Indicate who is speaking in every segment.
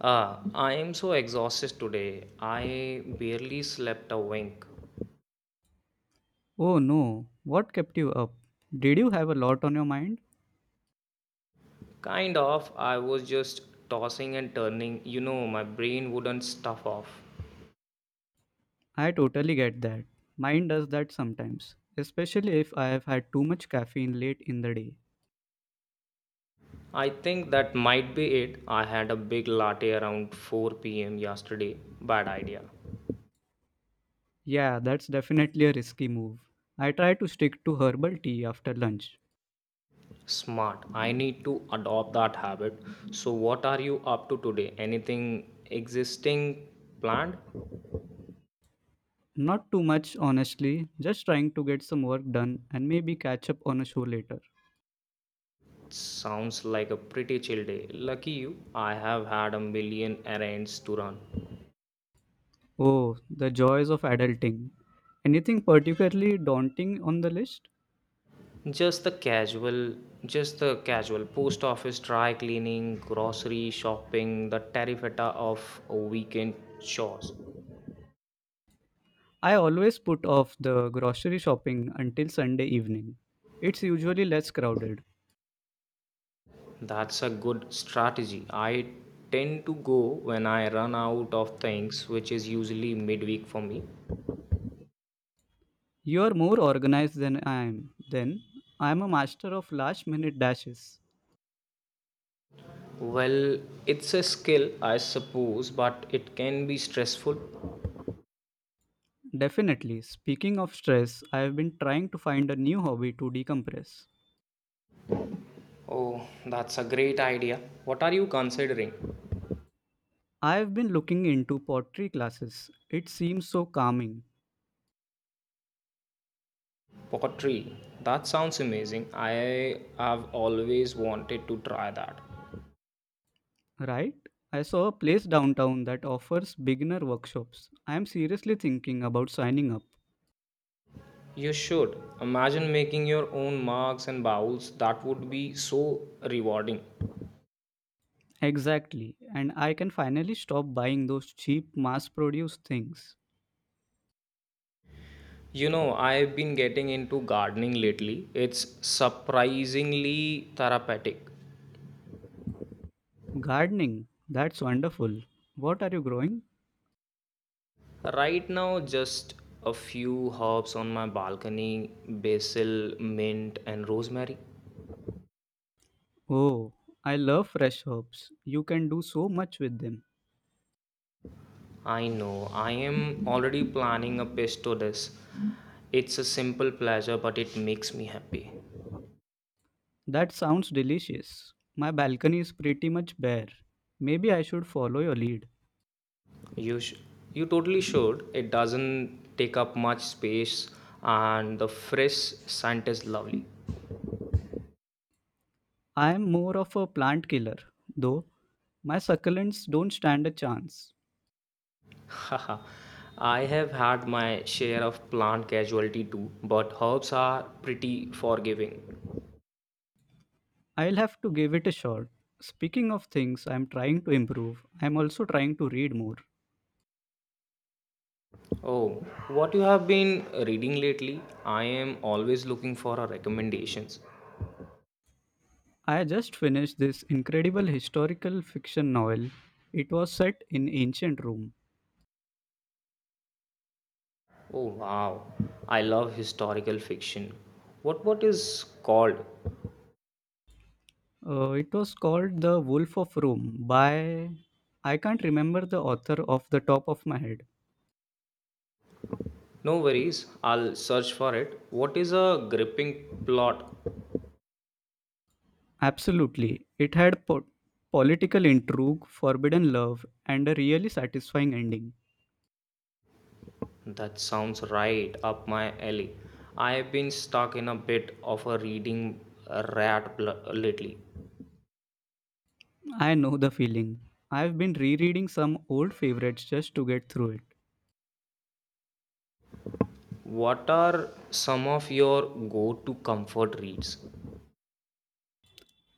Speaker 1: Ah, I am so exhausted today. I barely slept a wink.
Speaker 2: Oh no, what kept you up? Did you have a lot on your mind?
Speaker 1: Kind of, I was just tossing and turning. My brain wouldn't stuff off.
Speaker 2: I totally get that. Mine does that sometimes, especially if I have had too much caffeine late in the day.
Speaker 1: I think that might be it. I had a big latte around 4 p.m. yesterday. Bad idea.
Speaker 2: Yeah, that's definitely a risky move. I try to stick to herbal tea after lunch.
Speaker 1: Smart. I need to adopt that habit. So, what are you up to today? Anything existing planned?
Speaker 2: Not too much, honestly, just trying to get some work done and maybe catch up on a show later.
Speaker 1: Sounds like a pretty chill day. Lucky you, I have had a million errands to run.
Speaker 2: Oh, the joys of adulting. Anything particularly daunting on the list?
Speaker 1: Just the casual, just the casual post office, dry cleaning, grocery shopping, the tarifeta of weekend chores.
Speaker 2: I always put off the grocery shopping until Sunday evening. It's usually less crowded.
Speaker 1: That's a good strategy. I tend to go when I run out of things, which is usually midweek for me.
Speaker 2: You are more organized than I am. Then, I am a master of last minute dashes.
Speaker 1: Well, it's a skill, I suppose, but it can be stressful.
Speaker 2: Definitely, speaking of stress, I have been trying to find a new hobby to decompress.
Speaker 1: Oh, that's a great idea. What are you considering?
Speaker 2: I have been looking into pottery classes. It seems so calming,
Speaker 1: Pottery. That sounds amazing. I have always wanted to try that.
Speaker 2: right? I saw a place downtown that offers beginner workshops. I am seriously thinking about signing up.
Speaker 1: You should. Imagine making your own mugs and bowls. That would be so rewarding.
Speaker 2: Exactly, and I can finally stop buying those cheap mass produced things.
Speaker 1: I've been getting into gardening lately. It's surprisingly therapeutic.
Speaker 2: Gardening, that's wonderful. What are you growing?
Speaker 1: Right now, just a few herbs on my balcony: basil, mint, and rosemary.
Speaker 2: Oh, I love fresh herbs. You can do so much with them.
Speaker 1: I know. I am already planning a pesto dish. It's a simple pleasure, but it makes me happy.
Speaker 2: That sounds delicious. My balcony is pretty much bare. Maybe I should follow your lead.
Speaker 1: You, sh- you totally should. It doesn't take up much space, and the fresh scent is lovely.
Speaker 2: I am more of a plant killer, though. My succulents don't stand a chance.
Speaker 1: Haha. I have had my share of plant casualty too, but herbs are pretty forgiving.
Speaker 2: I'll have to give it a shot. Speaking of things I'm trying to improve, I'm also trying to read more.
Speaker 1: Oh, what you have been reading lately? I am always looking for a recommendations.
Speaker 2: I just finished this incredible historical fiction novel. It was set in ancient Rome.
Speaker 1: Oh wow, I love historical fiction. What is called?
Speaker 2: It was called The Wolf of Rome by I can't remember the author off the top of my head.
Speaker 1: No worries, I'll search for it. What is a gripping plot?
Speaker 2: Absolutely. It had political intrigue, forbidden love, and a really satisfying ending.
Speaker 1: That sounds right up my alley. I've been stuck in a bit of a reading rat lately.
Speaker 2: I know the feeling. I've been rereading some old favorites just to get through it.
Speaker 1: What are some of your go-to comfort reads?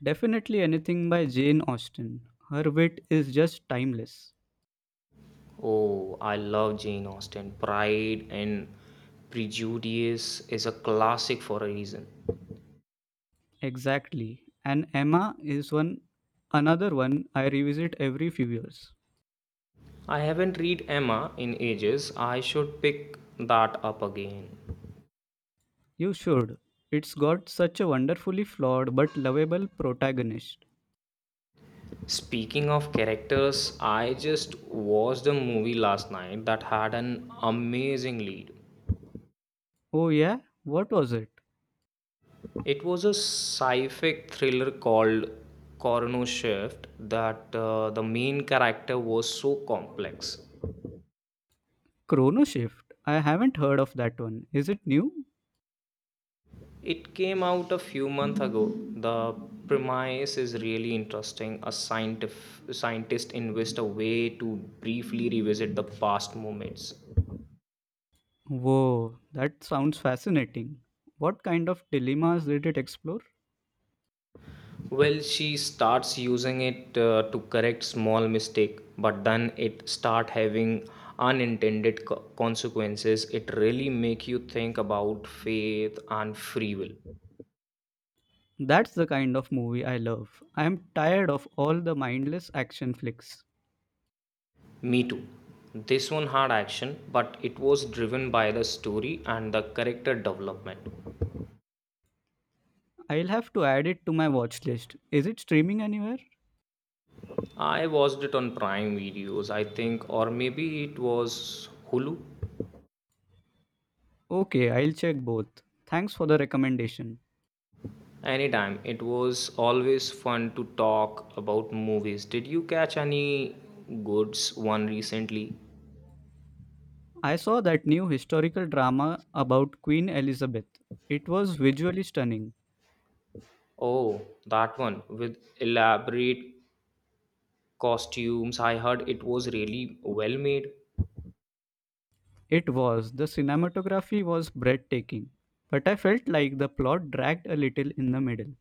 Speaker 2: Definitely anything by Jane Austen. Her wit is just timeless.
Speaker 1: Oh, I love Jane Austen. Pride and Prejudice is a classic for a reason.
Speaker 2: Exactly. And Emma is one another one I revisit every few years.
Speaker 1: I haven't read Emma in ages. I should pick that up again.
Speaker 2: You should. It's got such a wonderfully flawed but lovable protagonist.
Speaker 1: Speaking of characters, I just watched a movie last night that had an amazing lead.
Speaker 2: Oh yeah? What was it?
Speaker 1: It was a sci-fi thriller called Coroner Shift. That uh, the main character was so complex.
Speaker 2: Chrono Shift. I haven't heard of that one. Is it new?
Speaker 1: It came out a few months ago. The premise is really interesting. A scientist invests a way to briefly revisit the past moments.
Speaker 2: Whoa, that sounds fascinating. What kind of dilemmas did it explore?
Speaker 1: Well, she starts using it to correct small mistake, but then it start having unintended consequences. It really make you think about faith and free will.
Speaker 2: That's the kind of movie I love. I am tired of all the mindless action flicks.
Speaker 1: Me too. This one had action, but it was driven by the story and the character development.
Speaker 2: I'll have to add it to my watch list. Is it streaming anywhere?
Speaker 1: I watched it on Prime Videos, I think, or maybe it was Hulu.
Speaker 2: Okay, I'll check both. Thanks for the recommendation.
Speaker 1: Anytime. It was always fun to talk about movies. Did you catch any goods one recently?
Speaker 2: I saw that new historical drama about Queen Elizabeth. It was visually stunning.
Speaker 1: Oh, that one with elaborate costumes. I heard it was really well made.
Speaker 2: It was. The cinematography was breathtaking. But I felt like the plot dragged a little in the middle.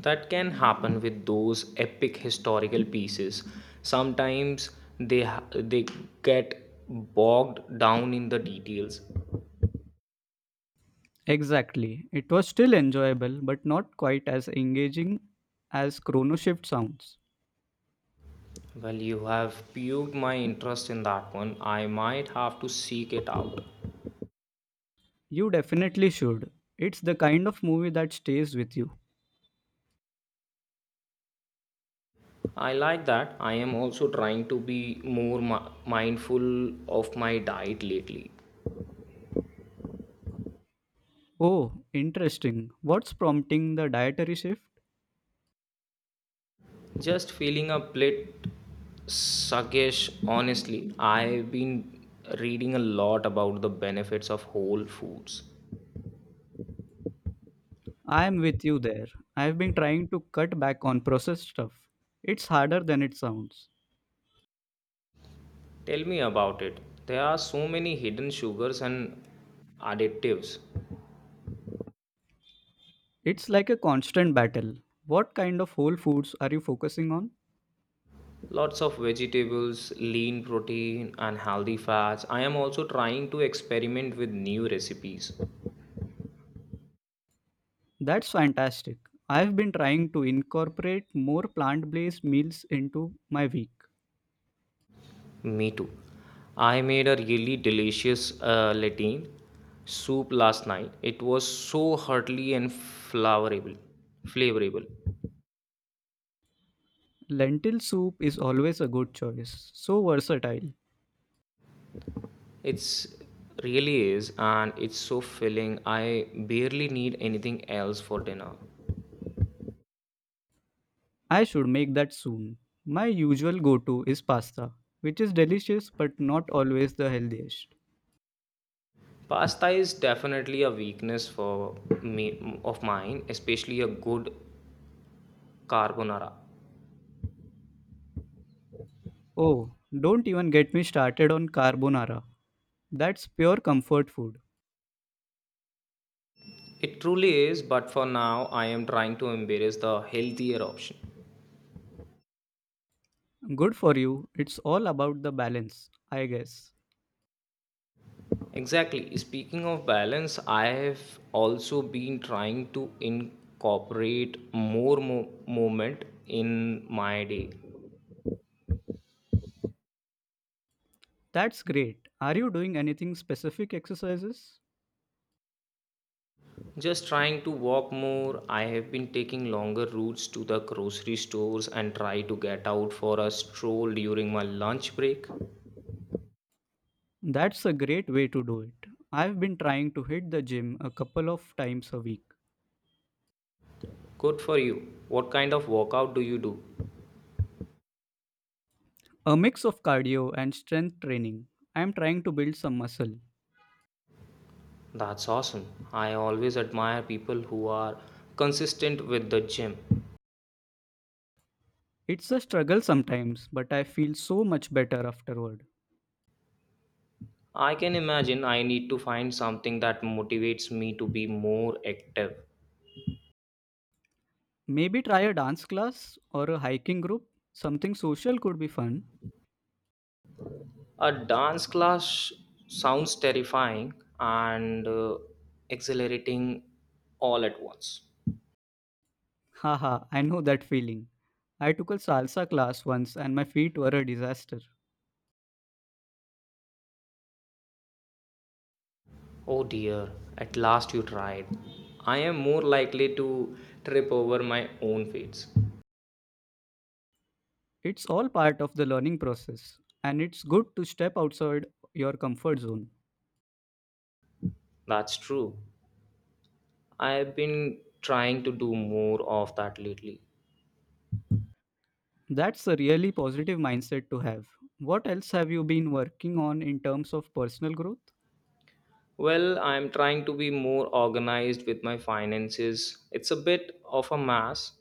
Speaker 1: That can happen with those epic historical pieces. Sometimes they get bogged down in the details.
Speaker 2: Exactly. It was still enjoyable, but not quite as engaging as Chrono Shift sounds.
Speaker 1: Well, you have piqued my interest in that one. I might have to seek it out.
Speaker 2: You definitely should. It's the kind of movie that stays with you.
Speaker 1: I like that. I am also trying to be more mindful of my diet lately.
Speaker 2: Oh, interesting. What's prompting the dietary shift?
Speaker 1: Just feeling a bit sluggish, honestly. I've been reading a lot about the benefits of whole foods.
Speaker 2: I'm with you there. I've been trying to cut back on processed stuff. It's harder than it sounds.
Speaker 1: Tell me about it. There are so many hidden sugars and additives.
Speaker 2: It's like a constant battle. What kind of whole foods are you focusing on?
Speaker 1: Lots of vegetables, lean protein, and healthy fats. I am also trying to experiment with new recipes.
Speaker 2: That's fantastic. I've been trying to incorporate more plant based meals into my week.
Speaker 1: Me too. I made a really delicious lentil soup last night. It was so hearty and flavorable.
Speaker 2: Lentil soup is always a good choice, so versatile.
Speaker 1: It's really is, and it's so filling. I barely need anything else for dinner.
Speaker 2: I should make that soon. My usual go to is pasta, which is delicious but not always the healthiest.
Speaker 1: Pasta is definitely a weakness for me of mine, especially a good carbonara.
Speaker 2: Oh, don't even get me started on carbonara. That's pure comfort food.
Speaker 1: It truly is, but for now, I am trying to embrace the healthier option.
Speaker 2: Good for you. It's all about the balance, I guess.
Speaker 1: Exactly. Speaking of balance, I have also been trying to incorporate more movement in my day.
Speaker 2: That's great. Are you doing anything specific exercises?
Speaker 1: Just trying to walk more. I have been taking longer routes to the grocery stores and try to get out for a stroll during my lunch break.
Speaker 2: That's a great way to do it. I've been trying to hit the gym a couple of times a week.
Speaker 1: Good for you. What kind of workout do you do?
Speaker 2: A mix of cardio and strength training. I'm trying to build some muscle.
Speaker 1: That's awesome. I always admire people who are consistent with the gym.
Speaker 2: It's a struggle sometimes, but I feel so much better afterward.
Speaker 1: I can imagine I need to find something that motivates me to be more active.
Speaker 2: Maybe try a dance class or a hiking group. Something social could be fun.
Speaker 1: A dance class sounds terrifying and exhilarating all at once.
Speaker 2: Haha, I know that feeling. I took a salsa class once and my feet were a disaster.
Speaker 1: Oh dear, at last you tried. I am more likely to trip over my own feet.
Speaker 2: It's all part of the learning process, and it's good to step outside your comfort zone.
Speaker 1: That's true. I've been trying to do more of that lately.
Speaker 2: That's a really positive mindset to have. What else have you been working on in terms of personal growth?
Speaker 1: Well, I'm trying to be more organized with my finances. It's a bit of a mess.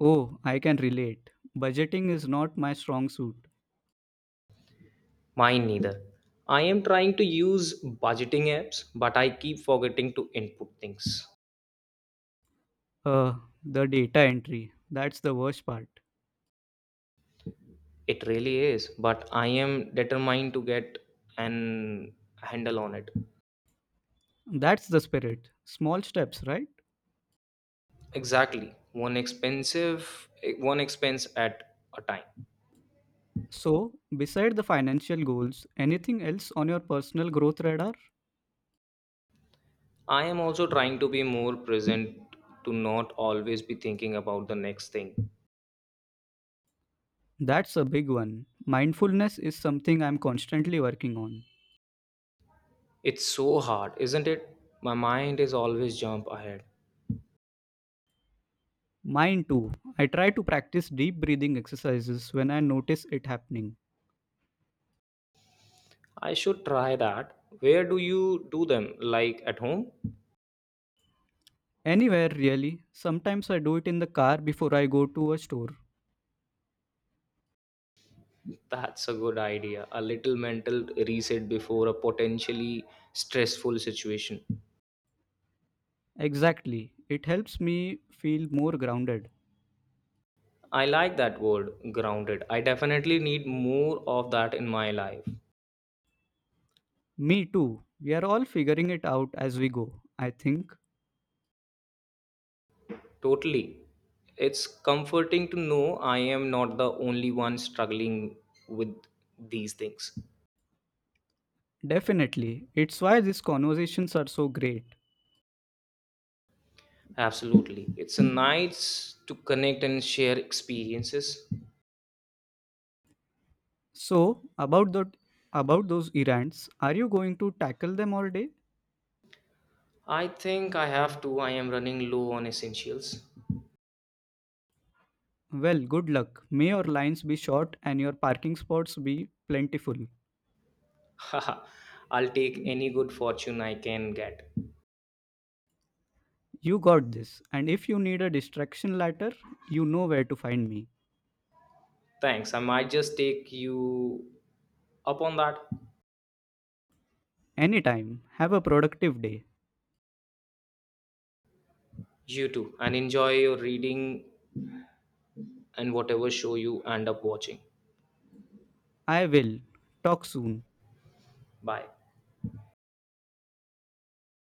Speaker 2: Oh, I can relate. Budgeting is not my strong suit.
Speaker 1: Mine neither. I am trying to use budgeting apps, but I keep forgetting to input things.
Speaker 2: Uh, the data entry. That's the worst part.
Speaker 1: It really is, but I am determined to get an handle on it.
Speaker 2: That's the spirit. Small steps, right?
Speaker 1: Exactly. One expense at a time.
Speaker 2: So, beside the financial goals, anything else on your personal growth radar?
Speaker 1: I am also trying to be more present, to not always be thinking about the next thing.
Speaker 2: That's a big one. Mindfulness is something I'm constantly working on.
Speaker 1: It's so hard, isn't it? My mind is always jump ahead.
Speaker 2: Mine too. I try to practice deep breathing exercises when I notice it happening.
Speaker 1: I should try that. Where do you do them? Like at home?
Speaker 2: Anywhere, really. Sometimes I do it in the car before I go to a store.
Speaker 1: That's a good idea. A little mental reset before a potentially stressful situation.
Speaker 2: Exactly. It helps me feel more grounded.
Speaker 1: I like that word, grounded. I definitely need more of that in my life.
Speaker 2: Me too. We are all figuring it out as we go, I think.
Speaker 1: Totally. It's comforting to know I am not the only one struggling with these things.
Speaker 2: Definitely. It's why these conversations are so great.
Speaker 1: Absolutely. It's a nice to connect and share experiences.
Speaker 2: So, about those errands, are you going to tackle them all day?
Speaker 1: I think I have to. I am running low on essentials.
Speaker 2: Well, good luck. May your lines be short and your parking spots be plentiful.
Speaker 1: Haha. I'll take any good fortune I can get.
Speaker 2: You got this. And if you need a distraction ladder, you know where to find me.
Speaker 1: Thanks. I might just take you up on that.
Speaker 2: Anytime. Have a productive day.
Speaker 1: You too. And enjoy your reading and whatever show you end up watching.
Speaker 2: I will. Talk soon.
Speaker 1: Bye.